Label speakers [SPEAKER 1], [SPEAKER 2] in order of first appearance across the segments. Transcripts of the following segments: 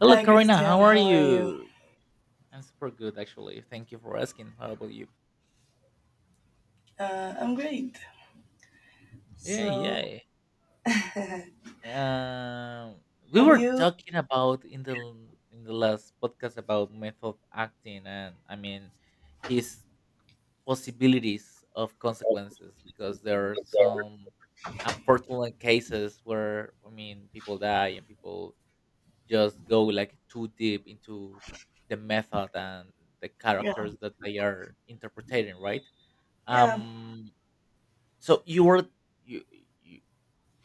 [SPEAKER 1] Hello,
[SPEAKER 2] Hi,
[SPEAKER 1] Karina. How
[SPEAKER 2] Christian.
[SPEAKER 1] are
[SPEAKER 2] How are you?
[SPEAKER 1] you? I'm super good, actually. Thank you for asking. How about you?
[SPEAKER 2] I'm great.
[SPEAKER 1] Yeah,
[SPEAKER 2] So,
[SPEAKER 1] yeah.
[SPEAKER 2] have
[SPEAKER 1] Um, we were
[SPEAKER 2] you?
[SPEAKER 1] talking about in the in the last podcast about method acting, and I mean, his possibilities of consequences because there are some unfortunate cases where I mean, people die and people just go like too deep into the method and the
[SPEAKER 2] Yeah,
[SPEAKER 1] characters that they are interpreting, right?
[SPEAKER 2] yeah,
[SPEAKER 1] Um, so you were you, you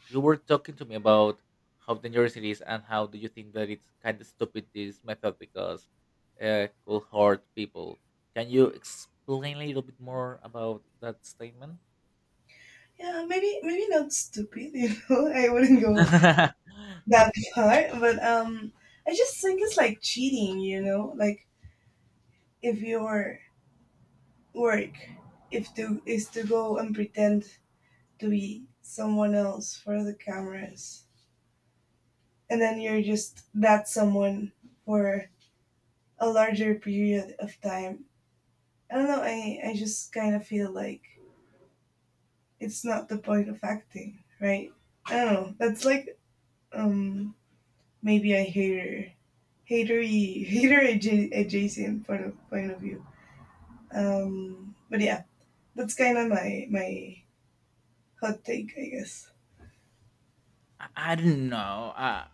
[SPEAKER 1] you were talking to me about how dangerous it is and how do you think that it's kind of stupid this method because could hurt people. Can you explain a little bit more about that statement?
[SPEAKER 2] yeah. Maybe, maybe not stupid. You know, I wouldn't go
[SPEAKER 1] I,
[SPEAKER 2] that far. But I just think it's like cheating. You know, like if your work, if to is to go and pretend to be someone else for the cameras, and then you're just that someone for a larger period of time. I don't know. I just kind of feel like it's not the point of acting, right? I don't know. That's like um maybe a hater, hatery, hater adjacent point of view. But yeah, that's kind of my hot take, I guess.
[SPEAKER 1] I don't know.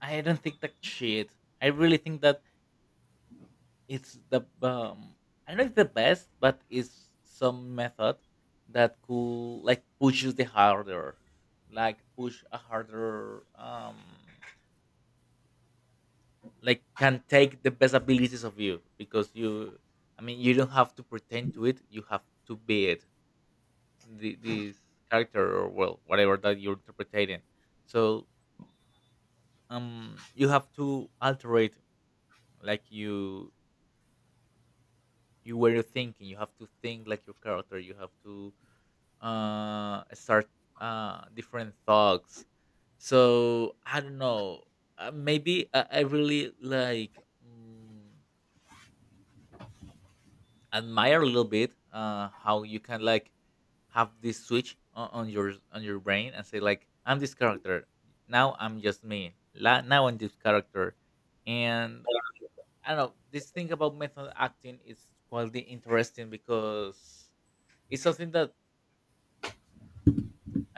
[SPEAKER 1] I don't think that shit. I really think that it's the I don't know if the best, but it's some method that could like pushes the harder, like push a harder, like can take the best abilities of you. I mean, you don't have to pretend to it. You have to be it. This character or well, whatever that you're interpreting. So you have to alter it like you were thinking. You have to think like your character. You have to start different thoughts, so I don't know. I really like, mm, admire a little bit how you can like have this switch on, your brain and say like I'm this character. Now I'm just me La- Now I'm this character. And I don't know, this thing about method acting is quite interesting because it's something that,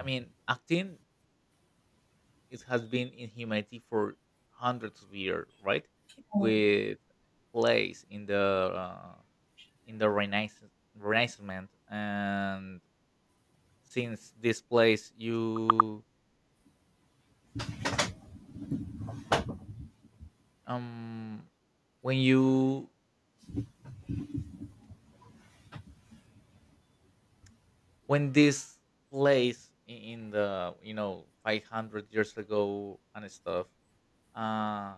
[SPEAKER 1] I mean, acting, it has been in humanity for hundreds of years, right?
[SPEAKER 2] Um,
[SPEAKER 1] With plays uh, in the Renaissance, and since this place, you um when you when this in the, you know, 500 years ago and stuff, uh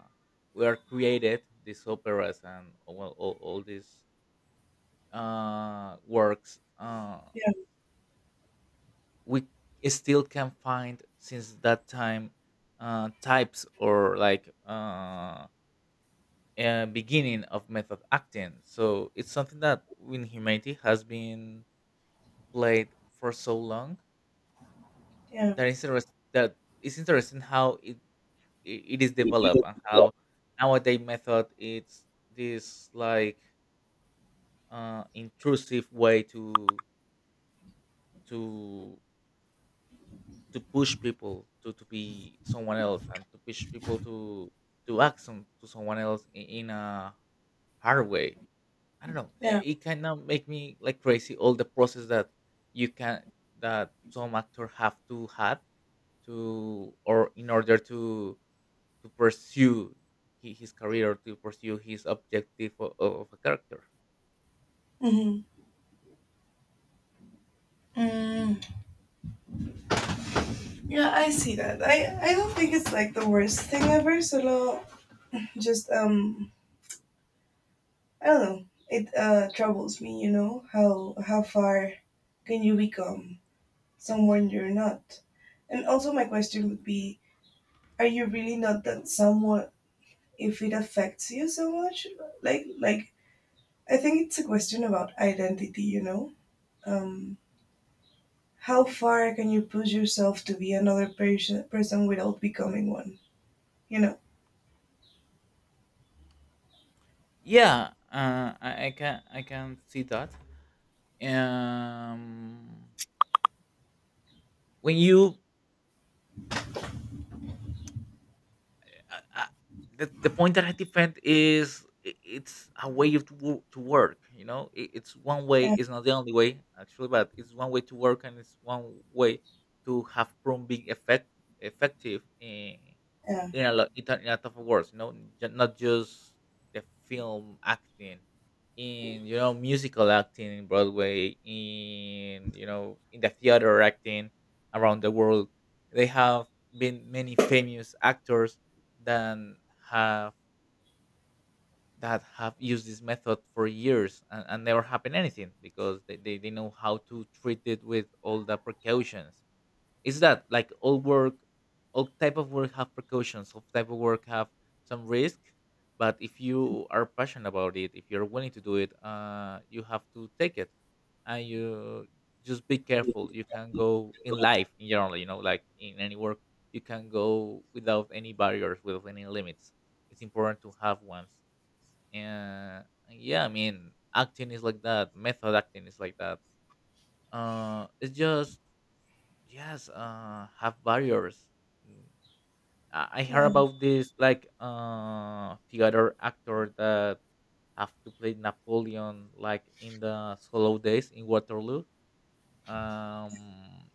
[SPEAKER 1] were created these operas and well all these works
[SPEAKER 2] yeah,
[SPEAKER 1] We still can find since that time types or like beginning of method acting. So it's something that in humanity has been played for so long,
[SPEAKER 2] yeah,
[SPEAKER 1] that is interest that it's interesting how it is developed and how nowadays method it's this like intrusive way to to to push people to be someone else and to push people to act to someone else in a hard way. I don't know, eh,
[SPEAKER 2] yeah.
[SPEAKER 1] it kind of make me like crazy all the process that you can, that some actor have to had to, or in order to pursue his career or to pursue his objective of a character.
[SPEAKER 2] Mm-hmm. Mm, yeah, I see that. I don't think it's like the worst thing ever. Solo just I don't know. It troubles me, you know how far can you become someone you're not? And also, my question would be: are you really not that someone if it affects you so much? Like, I think it's a question about identity. You know, um, how far can you push yourself to be another person without becoming one? You know.
[SPEAKER 1] Yeah, I can, I can see that um when you uh, uh, the point that I defend is, it's a way of to, to work. You know, I- it's one way.
[SPEAKER 2] Yeah.
[SPEAKER 1] It's not the only way, actually, but it's one way to work, and it's one way to have proven being effective,
[SPEAKER 2] Yeah.
[SPEAKER 1] in a lot, it a lot of words, you know, not just the film acting, in, you know, musical acting in Broadway, in, you know, in the theater acting around the world. They have been many famous actors that have that have used this method for years, and never happened anything because they know how to treat it with all the precautions. Is that like all work, all type of work have precautions, all type of work have some risk, but if you are passionate about it, if you're willing to do it, you have to take it, and you just be careful. You can go in life in general, you know, like in any work, you can go without any barriers, without any limits. It's important to have ones. And yeah, I mean, acting is like that. Method acting is like that, it's just, yes, have barriers. Mm, I heard
[SPEAKER 2] Yeah.
[SPEAKER 1] about this like theater actor that have to play Napoleon like in the solo days in Waterloo. um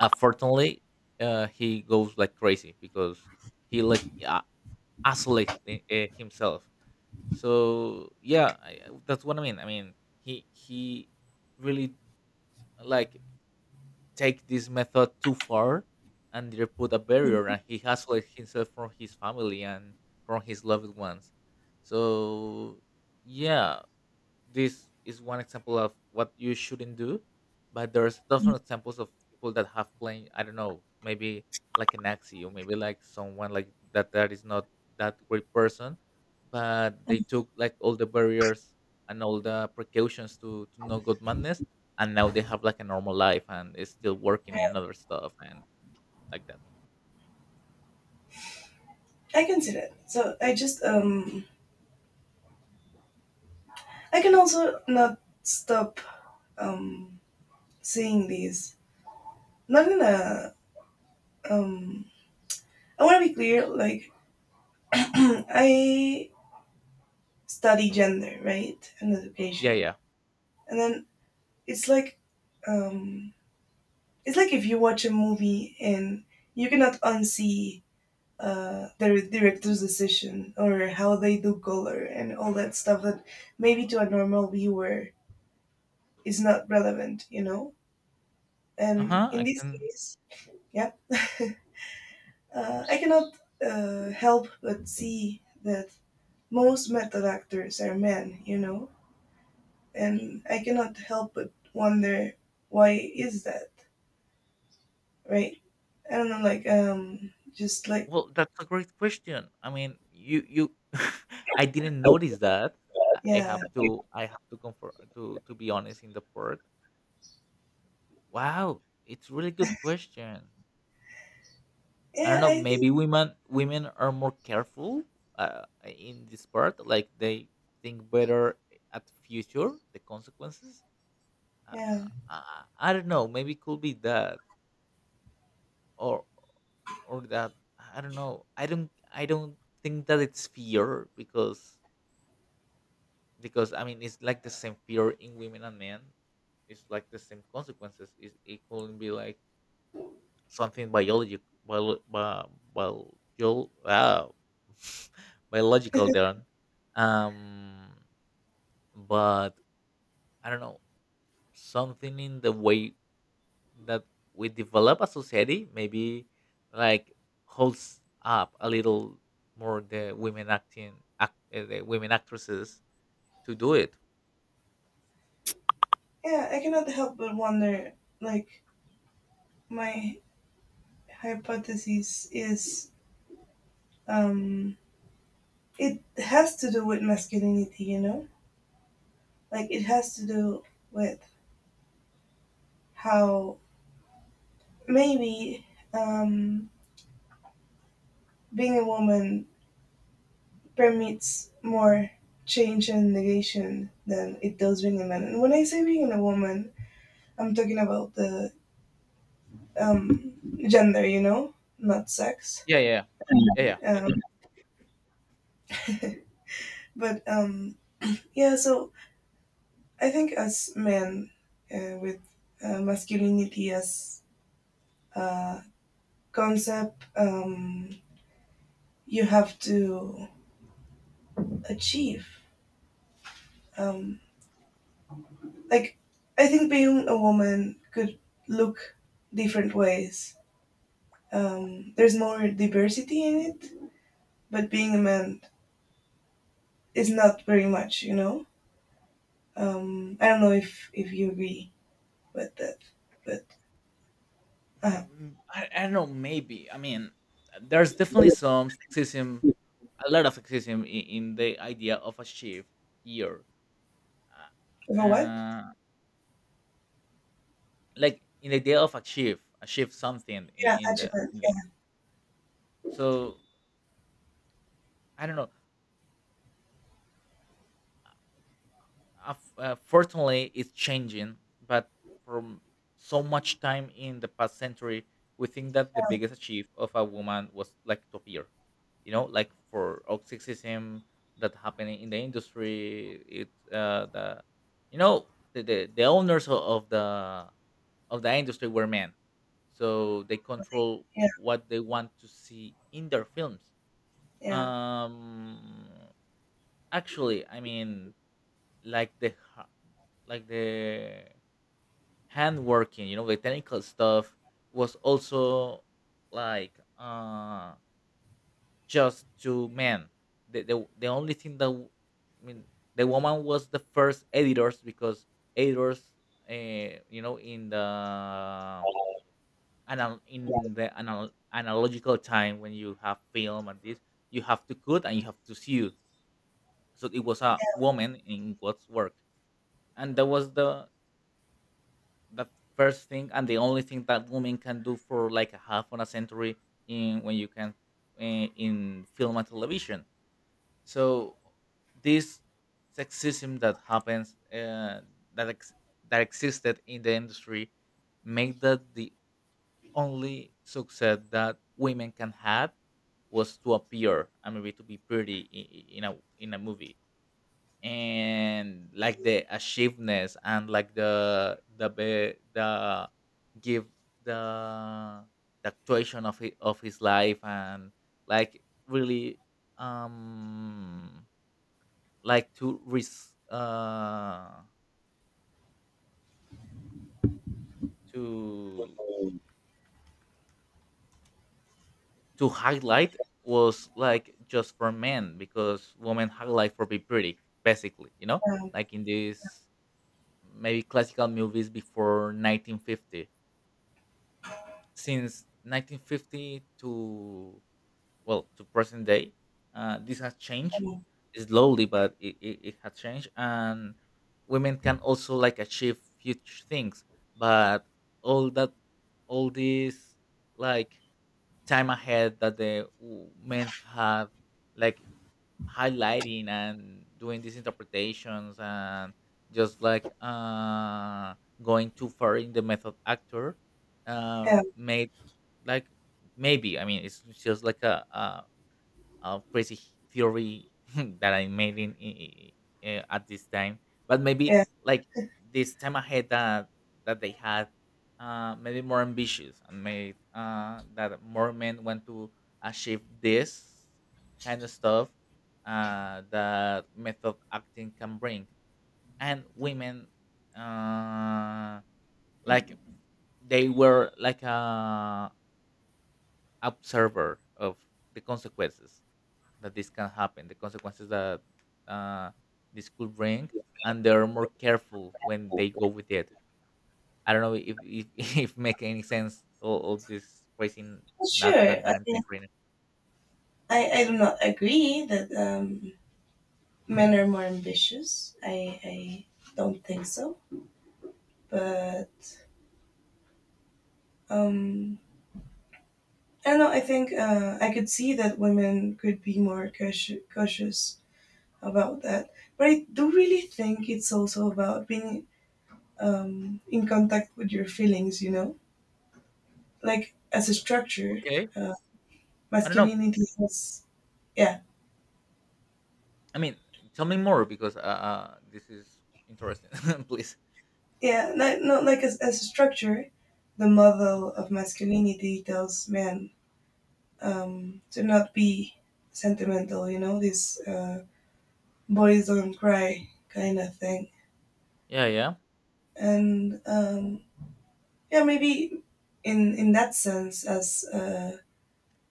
[SPEAKER 1] Unfortunately, he goes like crazy because he like isolates himself. So yeah, that's what I mean, I mean, he really like take this method too far, and they put a barrier and he isolates himself from his family and from his loved ones. So yeah, this is one example of what you shouldn't do. But there's different examples of people that have playing, I don't know, maybe like an axi or maybe like someone like that, that is not that great person, but they took like all the barriers and all the precautions to no good madness, and now they have like a normal life and is still working and other stuff and like that.
[SPEAKER 2] I can see that. So I just I can also not stop um seeing these. Not in a um I want to be clear. Like, I study gender, right, and
[SPEAKER 1] Yeah,
[SPEAKER 2] education,
[SPEAKER 1] yeah,
[SPEAKER 2] and then it's like, um, it's like if you watch a movie and you cannot unsee the director's decision or how they do color and all that stuff that maybe to a normal viewer is not relevant, you know. And
[SPEAKER 1] uh-huh,
[SPEAKER 2] in
[SPEAKER 1] I
[SPEAKER 2] this
[SPEAKER 1] can.
[SPEAKER 2] case, yeah, I cannot help but see that most method actors are men, you know, and I cannot help but wonder why is that, right? I don't know, like just like
[SPEAKER 1] Well, that's a great question. I mean, you I didn't notice that.
[SPEAKER 2] yeah,
[SPEAKER 1] I have to comfort to be honest in the part. Wow, it's really good question. I don't
[SPEAKER 2] yeah.
[SPEAKER 1] know,
[SPEAKER 2] I think
[SPEAKER 1] maybe women are more careful in this part, like they think better at future the consequences. Uh, uh,
[SPEAKER 2] yeah,
[SPEAKER 1] uh, I don't know, maybe it could be that, or or that, I don't know. I don't think that it's fear because I mean it's like the same fear in women and men. It's like the same consequences. It couldn't be like something biology, biological there. Um, but I don't know, something in the way that we develop a society, maybe like holds up a little more the women acting, act, the women actresses to do it.
[SPEAKER 2] yeah. I cannot help but wonder, like my hypothesis is um, it has to do with masculinity, you know, like it has to do with how maybe um, being a woman permits more change and negation than it does being a man. And when I say being a woman, I'm talking about the um, gender, you know, not sex.
[SPEAKER 1] Yeah, yeah, yeah,
[SPEAKER 2] Um,
[SPEAKER 1] yeah.
[SPEAKER 2] but yeah, so I think as men with masculinity as a concept, you have to achieve. Um, like, I think being a woman could look different ways, there's more diversity in it, but being a man is not very much, you know. I don't know if you agree with that, but uh,
[SPEAKER 1] I don't know. Maybe I mean, there's definitely some sexism,
[SPEAKER 2] you
[SPEAKER 1] a lot of sexism in the idea of a shift here. Uh,
[SPEAKER 2] know what?
[SPEAKER 1] uh, like in the idea of a shift something
[SPEAKER 2] Yeah,
[SPEAKER 1] in the
[SPEAKER 2] achievement.
[SPEAKER 1] in the.
[SPEAKER 2] Yeah,
[SPEAKER 1] So I don't know. Fortunately it's changing, but from so much time in the past century we think that the biggest achieve of a woman was like to appear, you know, like for sexism that happening in the industry, it's the, you know, the owners of the industry were men, so they control
[SPEAKER 2] yeah,
[SPEAKER 1] what they want to see in their films.
[SPEAKER 2] yeah,
[SPEAKER 1] um Actually, I mean, like like the handworking, you know, the technical stuff was also like just to men. The only thing that I mean the woman was the first editors, because editors, you know, in the in the analogical time, when you have film and this, you have to cut and you have to sew, so it was a woman in God's work, and that was the first thing and the only thing that women can do for like a half on a century in when you can in film and television. So this sexism that happens that ex- that existed in the industry make that the only success that women can have was to appear and maybe to be pretty in a movie, and like the achievements and like the the give the the actuation of his life and like really um like to to to highlight was like just for men, because women highlight for be pretty basically, you know,
[SPEAKER 2] um,
[SPEAKER 1] like in these maybe classical movies before 1950. Since 1950 to well to present day, this has changed
[SPEAKER 2] um,
[SPEAKER 1] slowly, but it has changed, and women can also like achieve huge things. But all that all this like time ahead that men have, like highlighting and doing these interpretations and just like going too far in the method actor,
[SPEAKER 2] yeah,
[SPEAKER 1] made like, maybe, I mean it's just like a crazy theory that I made in at this time, but maybe
[SPEAKER 2] yeah.
[SPEAKER 1] like this time ahead that that they had maybe more ambitious and made that more men want to achieve this kind of stuff that method acting can bring, and women uh like they were like a observer of the consequences that this can happen, the consequences that uh, this could bring, and they're more careful when they go with it. I don't know if, if make any sense all this phrasing
[SPEAKER 2] Well, sure.
[SPEAKER 1] nuts
[SPEAKER 2] I
[SPEAKER 1] that I'm saying
[SPEAKER 2] mean,
[SPEAKER 1] right now.
[SPEAKER 2] I do not agree that men are more ambitious. I don't think so. But Um, I don't know. I think I could see that women could be more cautious about that. But I do really think it's also about being in contact with your feelings, you know? Like, as a structure,
[SPEAKER 1] Okay,
[SPEAKER 2] uh,
[SPEAKER 1] I don't know.
[SPEAKER 2] masculinity has, yeah,
[SPEAKER 1] I mean, tell me more because this is interesting, please.
[SPEAKER 2] yeah, not like as a structure, the model of masculinity tells men to not be sentimental, you know? This boys don't cry kind of thing.
[SPEAKER 1] Yeah, yeah,
[SPEAKER 2] And yeah, maybe in that sense, as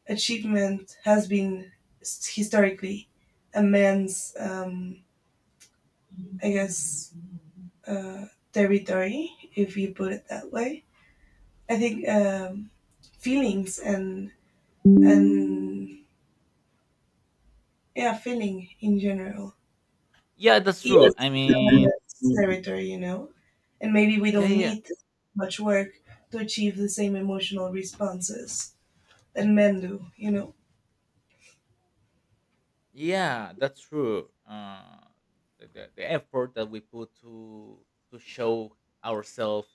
[SPEAKER 2] achievement has been historically a man's, I guess, uh, territory, if you put it that way. I think feelings and yeah, feeling in general
[SPEAKER 1] yeah. That's
[SPEAKER 2] is
[SPEAKER 1] true.
[SPEAKER 2] yes,
[SPEAKER 1] I
[SPEAKER 2] a
[SPEAKER 1] mean,
[SPEAKER 2] man's, mm, territory, you know, and maybe we
[SPEAKER 1] yeah,
[SPEAKER 2] don't
[SPEAKER 1] yeah.
[SPEAKER 2] need much work to achieve the same emotional responses that men do, you know.
[SPEAKER 1] Yeah, that's true. The effort that we put to show ourselves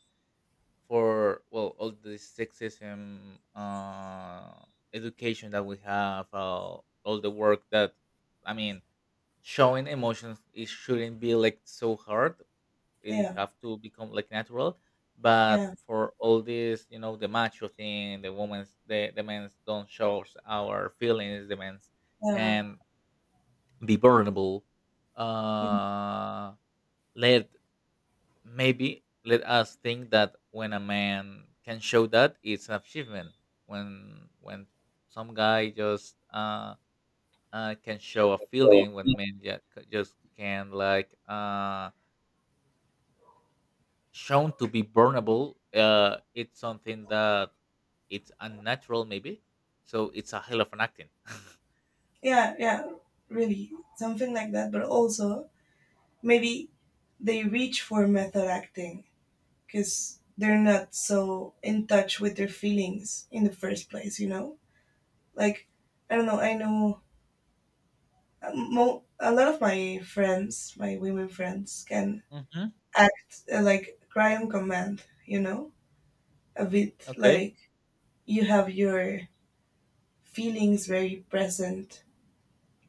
[SPEAKER 1] for well all the sexism, education that we have, all the work that, I mean, showing emotions it shouldn't be like so hard. It
[SPEAKER 2] Yeah,
[SPEAKER 1] have to become like natural. But
[SPEAKER 2] yeah,
[SPEAKER 1] for all this, you know, the macho thing, the women's, the men's don't show our feelings. The men's
[SPEAKER 2] yeah.
[SPEAKER 1] can be burnable
[SPEAKER 2] Mhm.
[SPEAKER 1] uh let, maybe let us think that when a man can show that it's an achievement. When some guy just can show a
[SPEAKER 2] Well,
[SPEAKER 1] feeling, when men just can like shown to be burnable, it's something that it's unnatural maybe, so it's a hell of an acting.
[SPEAKER 2] yeah, yeah, really something like that, but also maybe they reach for method acting because they're not so in touch with their feelings in the first place, you know, like I don't know, I know a lot of my friends, my women friends can
[SPEAKER 1] hmm.
[SPEAKER 2] act like cry on command, you know, a bit
[SPEAKER 1] Okay,
[SPEAKER 2] like you have your feelings very present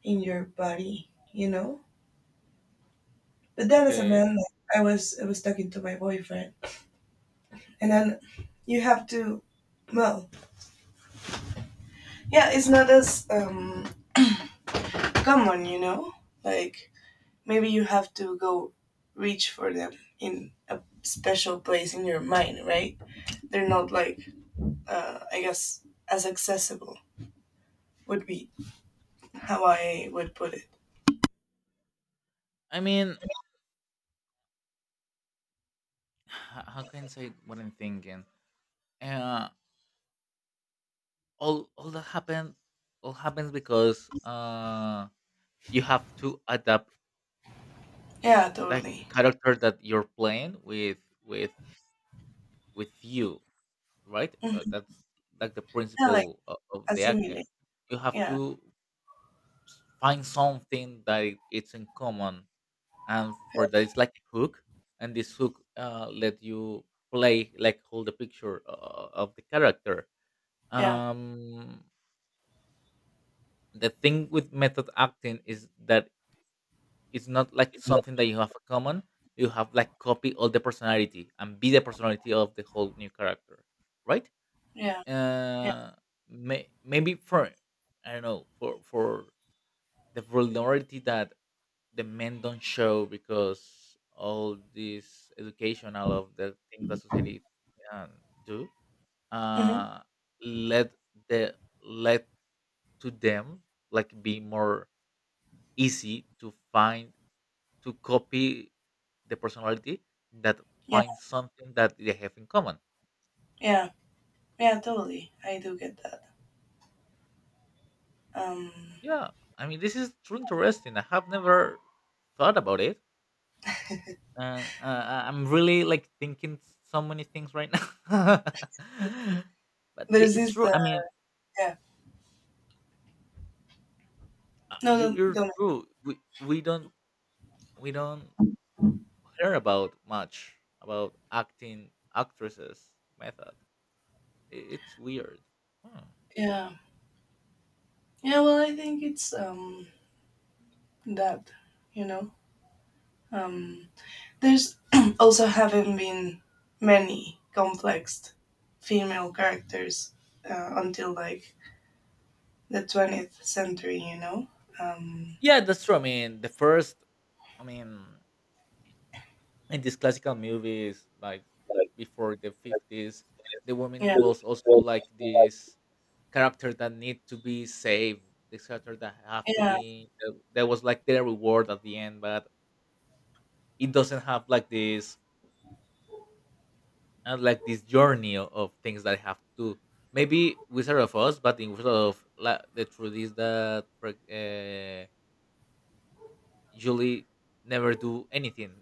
[SPEAKER 2] in your body, you know. But then as a man,
[SPEAKER 1] okay.
[SPEAKER 2] like, I was talking to my boyfriend, and then you have to, well, yeah, it's not as common, you know. Like maybe you have to go reach for them in a special place in your mind, right? They're not like I guess as accessible would be how I would put it.
[SPEAKER 1] I mean, how can I say what I'm thinking? uh, all that happened, all happens because you have to adapt
[SPEAKER 2] Yeah,
[SPEAKER 1] like the
[SPEAKER 2] totally.
[SPEAKER 1] character that you're playing with you, right?
[SPEAKER 2] Hmm.
[SPEAKER 1] That's like the
[SPEAKER 2] Yeah, like
[SPEAKER 1] principle of the acting.
[SPEAKER 2] assimilate.
[SPEAKER 1] You have
[SPEAKER 2] Yeah,
[SPEAKER 1] to find something that it's in common, and for that it's like a hook, and this hook let you play, like hold the picture of the character.
[SPEAKER 2] yeah,
[SPEAKER 1] um the thing with method acting is that it's not like something that you have in common. You have like copy all the personality and be the personality of the whole new character, right?
[SPEAKER 2] yeah, yeah.
[SPEAKER 1] Uh, maybe for, I don't know, for the vulnerability that the men don't show, because all this education, all of the things that society uh, do,
[SPEAKER 2] Hmm.
[SPEAKER 1] uh, let the, let to them like be more easy to find, to copy the personality that
[SPEAKER 2] Yeah,
[SPEAKER 1] finds something that they have in common.
[SPEAKER 2] yeah. Yeah, totally. I do get that. Um,
[SPEAKER 1] Yeah, I mean, this is truly interesting. I have never thought about it, and I'm really like thinking so many things right now. But yeah,
[SPEAKER 2] there's
[SPEAKER 1] it's
[SPEAKER 2] this.
[SPEAKER 1] true. I mean,
[SPEAKER 2] Yeah. No,
[SPEAKER 1] you,
[SPEAKER 2] don't,
[SPEAKER 1] you're
[SPEAKER 2] don't.
[SPEAKER 1] true. We don't, we don't hear about much about acting actresses method. It's weird. Hmm.
[SPEAKER 2] Yeah. Yeah. Well, I think it's that. You know. Um, there's also haven't been many complex female characters until like the 20th century. You know. Um,
[SPEAKER 1] Yeah, that's true. I mean, the first. I mean, in these classical movies like before the 50s, the woman
[SPEAKER 2] yeah.
[SPEAKER 1] was also like this character that need to be saved, this character that have to
[SPEAKER 2] Yeah.
[SPEAKER 1] be that, that was like their reward at the end, but it doesn't have like this, not like this journey of things that I have to do. Maybe Wizard of Oz, but in Wizard of the truth is that Julie never do anything.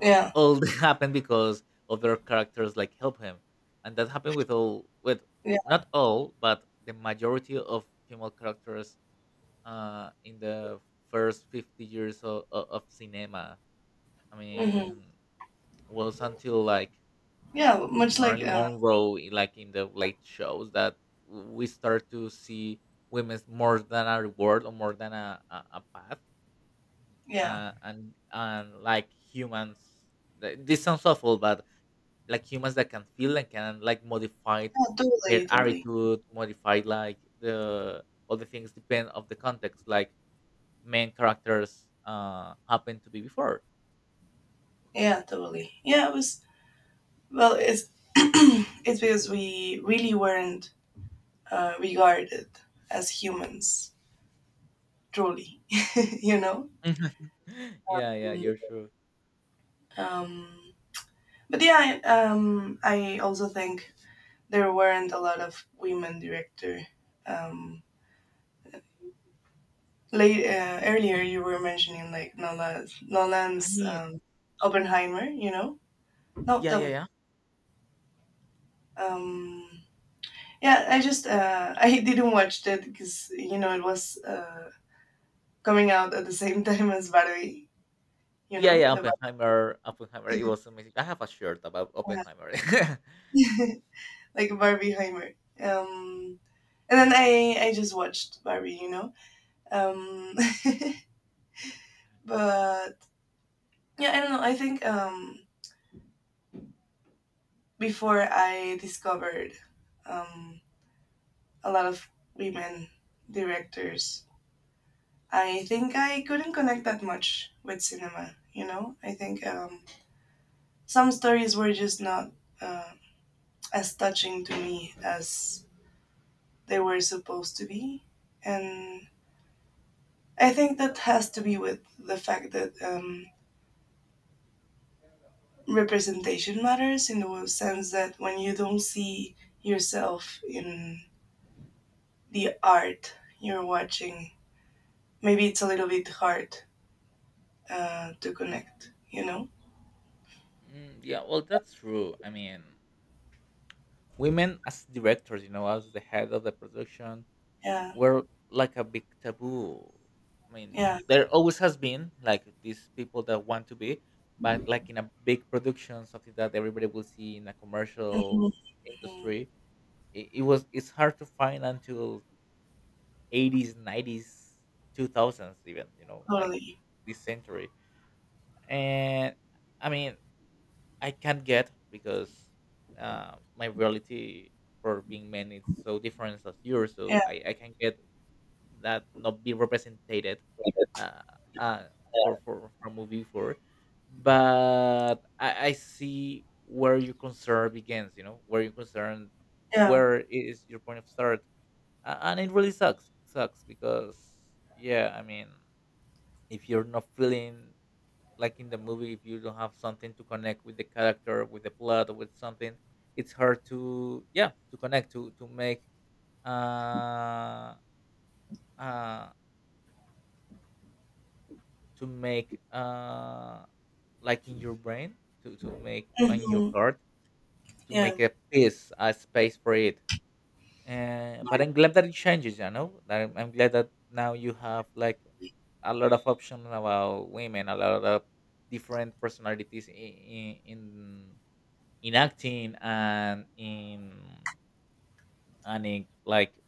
[SPEAKER 1] all
[SPEAKER 2] Yeah.
[SPEAKER 1] all that happened because other characters like help him, and that happened with all with,
[SPEAKER 2] Yeah.
[SPEAKER 1] not all, but the majority of female characters in the first 50 years of cinema. I
[SPEAKER 2] Hmm.
[SPEAKER 1] mean, was until like
[SPEAKER 2] Yeah. Much like.
[SPEAKER 1] Marilyn Monroe, like in the late shows that we start to see women more than a reward, or more than a path,
[SPEAKER 2] Yeah.
[SPEAKER 1] and like humans. This sounds awful, but like humans that can feel and can like modify
[SPEAKER 2] Yeah.
[SPEAKER 1] her
[SPEAKER 2] Totally. Totally.
[SPEAKER 1] attitude, modify like the all the things depend of the context, like main characters happen to be before.
[SPEAKER 2] Yeah. Totally. Yeah. It was, well, it's it's because we really weren't regarded as humans, truly, you know.
[SPEAKER 1] Yeah, yeah, you're true.
[SPEAKER 2] Um, but yeah, I also think there weren't a lot of women director. Um, late earlier, you were mentioning like
[SPEAKER 1] I
[SPEAKER 2] Nolan's
[SPEAKER 1] mean,
[SPEAKER 2] Oppenheimer. You know, no,
[SPEAKER 1] yeah,
[SPEAKER 2] tell
[SPEAKER 1] yeah,
[SPEAKER 2] me.
[SPEAKER 1] yeah.
[SPEAKER 2] Um, yeah, I just I didn't watch that because you know it was coming out at the same time as Barbie, you
[SPEAKER 1] Yeah,
[SPEAKER 2] know
[SPEAKER 1] yeah,
[SPEAKER 2] the
[SPEAKER 1] Oppenheimer, Oppenheimer, it was amazing. I have a shirt about
[SPEAKER 2] yeah.
[SPEAKER 1] Oppenheimer.
[SPEAKER 2] Like Barbieheimer. Um, and then I just watched Barbie, you know. Um, but yeah, I don't know. I think before I discovered um, a lot of women directors, I think I couldn't connect that much with cinema. You know, I think some stories were just not uh, as touching to me as they were supposed to be, and I think that has to be with the fact that representation matters in the sense that when you don't see yourself in the art you're watching, maybe it's a little bit hard to connect, you know?
[SPEAKER 1] Mm, yeah, well, that's true. I mean, women as directors, you know, as the head of the production,
[SPEAKER 2] Yeah,
[SPEAKER 1] were like a big taboo. I mean,
[SPEAKER 2] yeah,
[SPEAKER 1] there always has been like these people that want to be, but like in a big production, something that everybody will see in a
[SPEAKER 2] Mhm.
[SPEAKER 1] commercial
[SPEAKER 2] Mhm.
[SPEAKER 1] industry, it was, it's hard to find until 80s, 90s, 2000s, even, you know, like
[SPEAKER 2] totally.
[SPEAKER 1] this century. And I mean, I can't get because my reality for being men is so different as yours,
[SPEAKER 2] Yeah,
[SPEAKER 1] so I can get that not be represented, uh, uh, for for movie four, but I see where your concern begins. You know where your concern,
[SPEAKER 2] yeah,
[SPEAKER 1] where is your point of start, and it really sucks. It sucks because yeah, I mean, if you're not feeling like in the movie, if you don't have something to connect with the character, with the plot, or with something, it's hard to, yeah, to connect, uh uh to make like in your brain, to make on your
[SPEAKER 2] hmm
[SPEAKER 1] heart, to
[SPEAKER 2] yeah,
[SPEAKER 1] make a peace, a space for it. And but I'm glad that it changes, you know, that I'm glad that now you have like a lot of options about women, a lot of different personalities in acting and in, and in like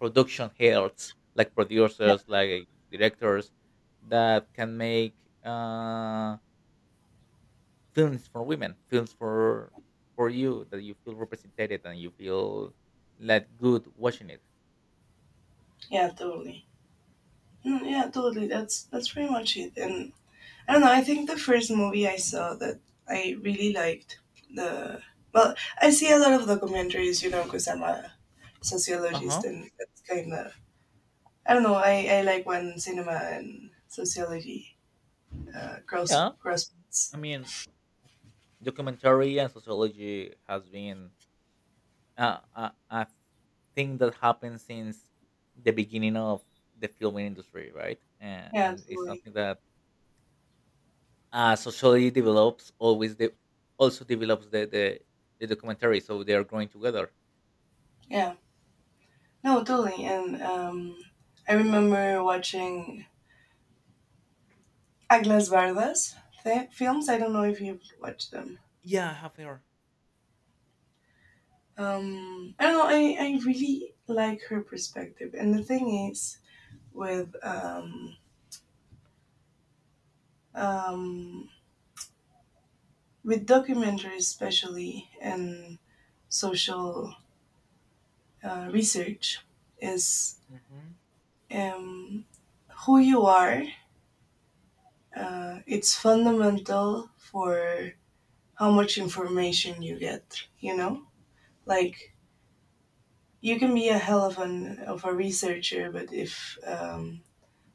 [SPEAKER 1] production heads, like
[SPEAKER 2] yeah,
[SPEAKER 1] producers, like directors, that can make uh films for women, films for you that you feel represented and you feel like good watching it.
[SPEAKER 2] yeah, totally. Yeah, totally. That's pretty much it. And I don't know. I think the first movie I saw that I really liked the well, I see a lot of documentaries, you know, because I'm a
[SPEAKER 1] Uh
[SPEAKER 2] sociologist,
[SPEAKER 1] huh.
[SPEAKER 2] and that's kind of I don't know. I like when cinema and sociology
[SPEAKER 1] Yeah.
[SPEAKER 2] cross paths.
[SPEAKER 1] I mean, documentary and sociology has been a thing that happened since the beginning of the filming industry, right?
[SPEAKER 2] Yeah,
[SPEAKER 1] And it's
[SPEAKER 2] totally.
[SPEAKER 1] something that sociology develops always. The also develops the documentary, so they are growing together.
[SPEAKER 2] Yeah, no, totally. And I remember watching Aglas Vardas films. I don't know if you've watched them.
[SPEAKER 1] Yeah, half hour.
[SPEAKER 2] I don't know. I really like her perspective, and the thing is, with um, um, with documentaries, especially, and social research, is
[SPEAKER 1] Mm-hmm.
[SPEAKER 2] um, who you are. It's fundamental for how much information you get. You know, like you can be a hell of an of a researcher, but if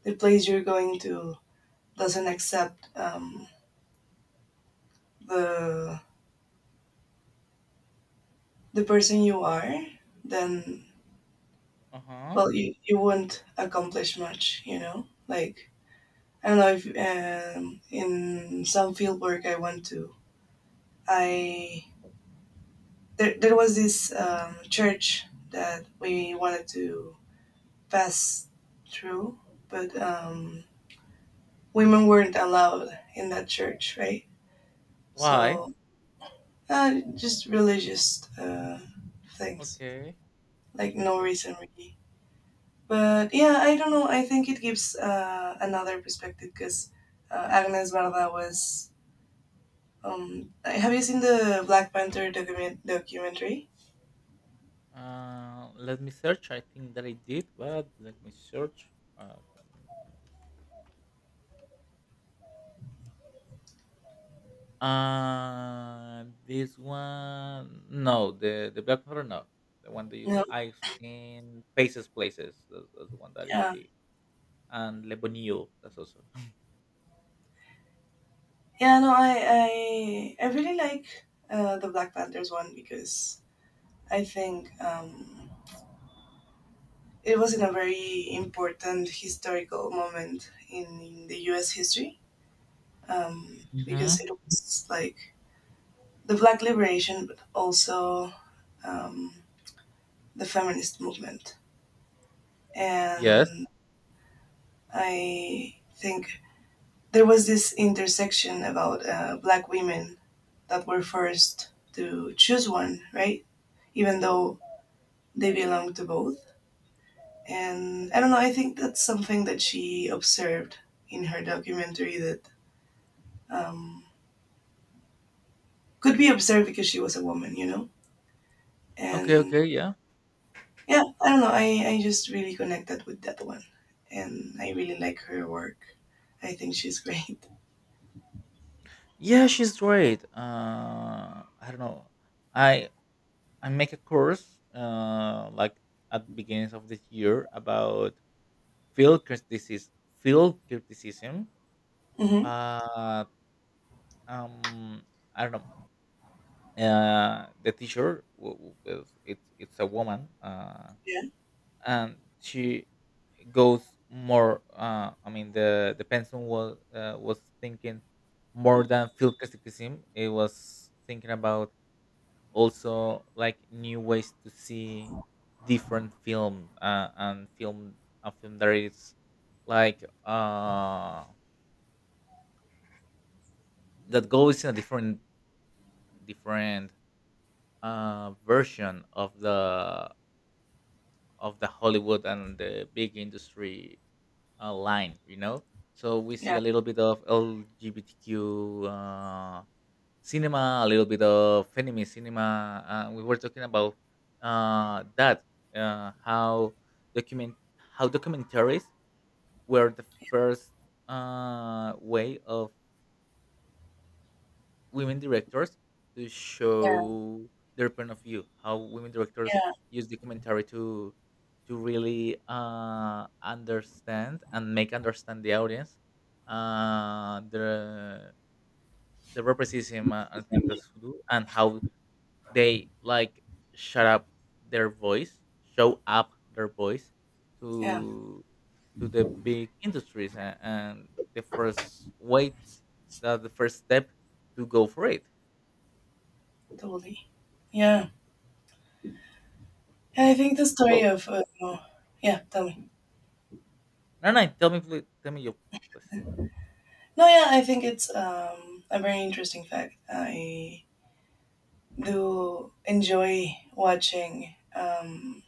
[SPEAKER 2] the place you're going to doesn't accept the the person you are, then
[SPEAKER 1] Uh huh.
[SPEAKER 2] well you won't accomplish much, you know, like I don't know if in some field work I went to I there, there was this church that we wanted to pass through, but women weren't allowed in that church, right?
[SPEAKER 1] Why?
[SPEAKER 2] So just religious things
[SPEAKER 1] Okay.
[SPEAKER 2] like
[SPEAKER 1] Okay,
[SPEAKER 2] no
[SPEAKER 1] okay.
[SPEAKER 2] reason really. But yeah, I don't know. I think it gives another perspective because Agnes Varda was. Have you seen the Black Panther documentary?
[SPEAKER 1] Let me search. I think that I did, but let me search. Uh, uh, this one, no, the black powder, no, the one that you,
[SPEAKER 2] No.
[SPEAKER 1] I've seen Faces Places. That's the one that I
[SPEAKER 2] Yeah.
[SPEAKER 1] see, and Le Bonio. That's also.
[SPEAKER 2] Yeah. No. I really like the Black Panthers one because I think it was in a very important historical moment in the U.S. history, because
[SPEAKER 1] Mm-hmm.
[SPEAKER 2] it was like the Black liberation, but also. Um, the feminist movement.
[SPEAKER 1] Yes.
[SPEAKER 2] And I think there was this intersection about black women that were forced to choose one, right? Even though they belong to both. And I don't know, I think that's something that she observed in her documentary that um, could be observed because she was a woman, you know?
[SPEAKER 1] Okay.
[SPEAKER 2] And
[SPEAKER 1] Okay. Yeah.
[SPEAKER 2] yeah, I don't know, I just really connected with that one. And I really like her work. I think she's great.
[SPEAKER 1] Yeah, she's great. I don't know. I I make a course like at beginnings of this year about feel criticism, feel criticism,
[SPEAKER 2] Hmm.
[SPEAKER 1] but um, I don't know. The teacher, it's a woman,
[SPEAKER 2] Yeah.
[SPEAKER 1] and she goes more. I mean, the person was thinking more than feel criticism. It was thinking about also like new ways to see different film and film, a film that is like that goes in a different, different version of the Hollywood and the big industry line, you know. So we see
[SPEAKER 2] Yeah,
[SPEAKER 1] a little bit of LGBTQ cinema, a little bit of feminist cinema. We were talking about that how document how documentaries were the first way of women directors to
[SPEAKER 2] yeah,
[SPEAKER 1] show their point of view, how women directors
[SPEAKER 2] yeah,
[SPEAKER 1] use documentary to really understand and make understand the audience uh, the the racism and things that they do, and how they like shut up their voice, show up their voice
[SPEAKER 2] yeah,
[SPEAKER 1] to to the big industries, and the first way, that the first step to go for it.
[SPEAKER 2] totally. Yeah, I
[SPEAKER 1] Yeah.
[SPEAKER 2] think the story
[SPEAKER 1] Well,
[SPEAKER 2] of yeah, tell me.
[SPEAKER 1] well, no, no. Tell me, please. Tell me your, please.
[SPEAKER 2] No, yeah, I think it's a very interesting fact. I do enjoy watching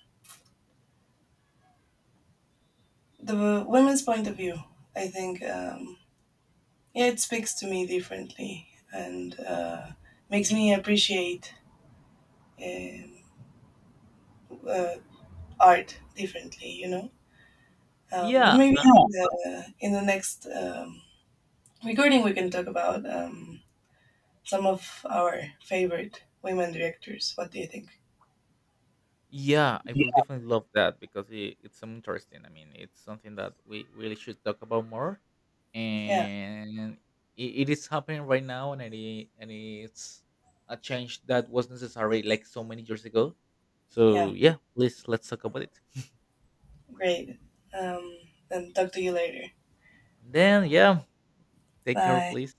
[SPEAKER 2] the women's point of view. I think yeah, it speaks to me differently, and makes me appreciate um, uh, art differently. You know, but
[SPEAKER 1] Yeah,
[SPEAKER 2] maybe in the next regarding, we can talk about some of our favorite women directors. What do you think?
[SPEAKER 1] yeah, I
[SPEAKER 2] Yeah.
[SPEAKER 1] will definitely love that because it, it's some interesting. I mean, it's something that we really should talk about more,
[SPEAKER 2] Yeah,
[SPEAKER 1] and it is happening right now, and and it's a change that was necessary like so many years ago.
[SPEAKER 2] yeah,
[SPEAKER 1] So yeah, please let's talk about it.
[SPEAKER 2] great. Um, then talk to you later.
[SPEAKER 1] And then yeah, take care,
[SPEAKER 2] Bye.
[SPEAKER 1] please.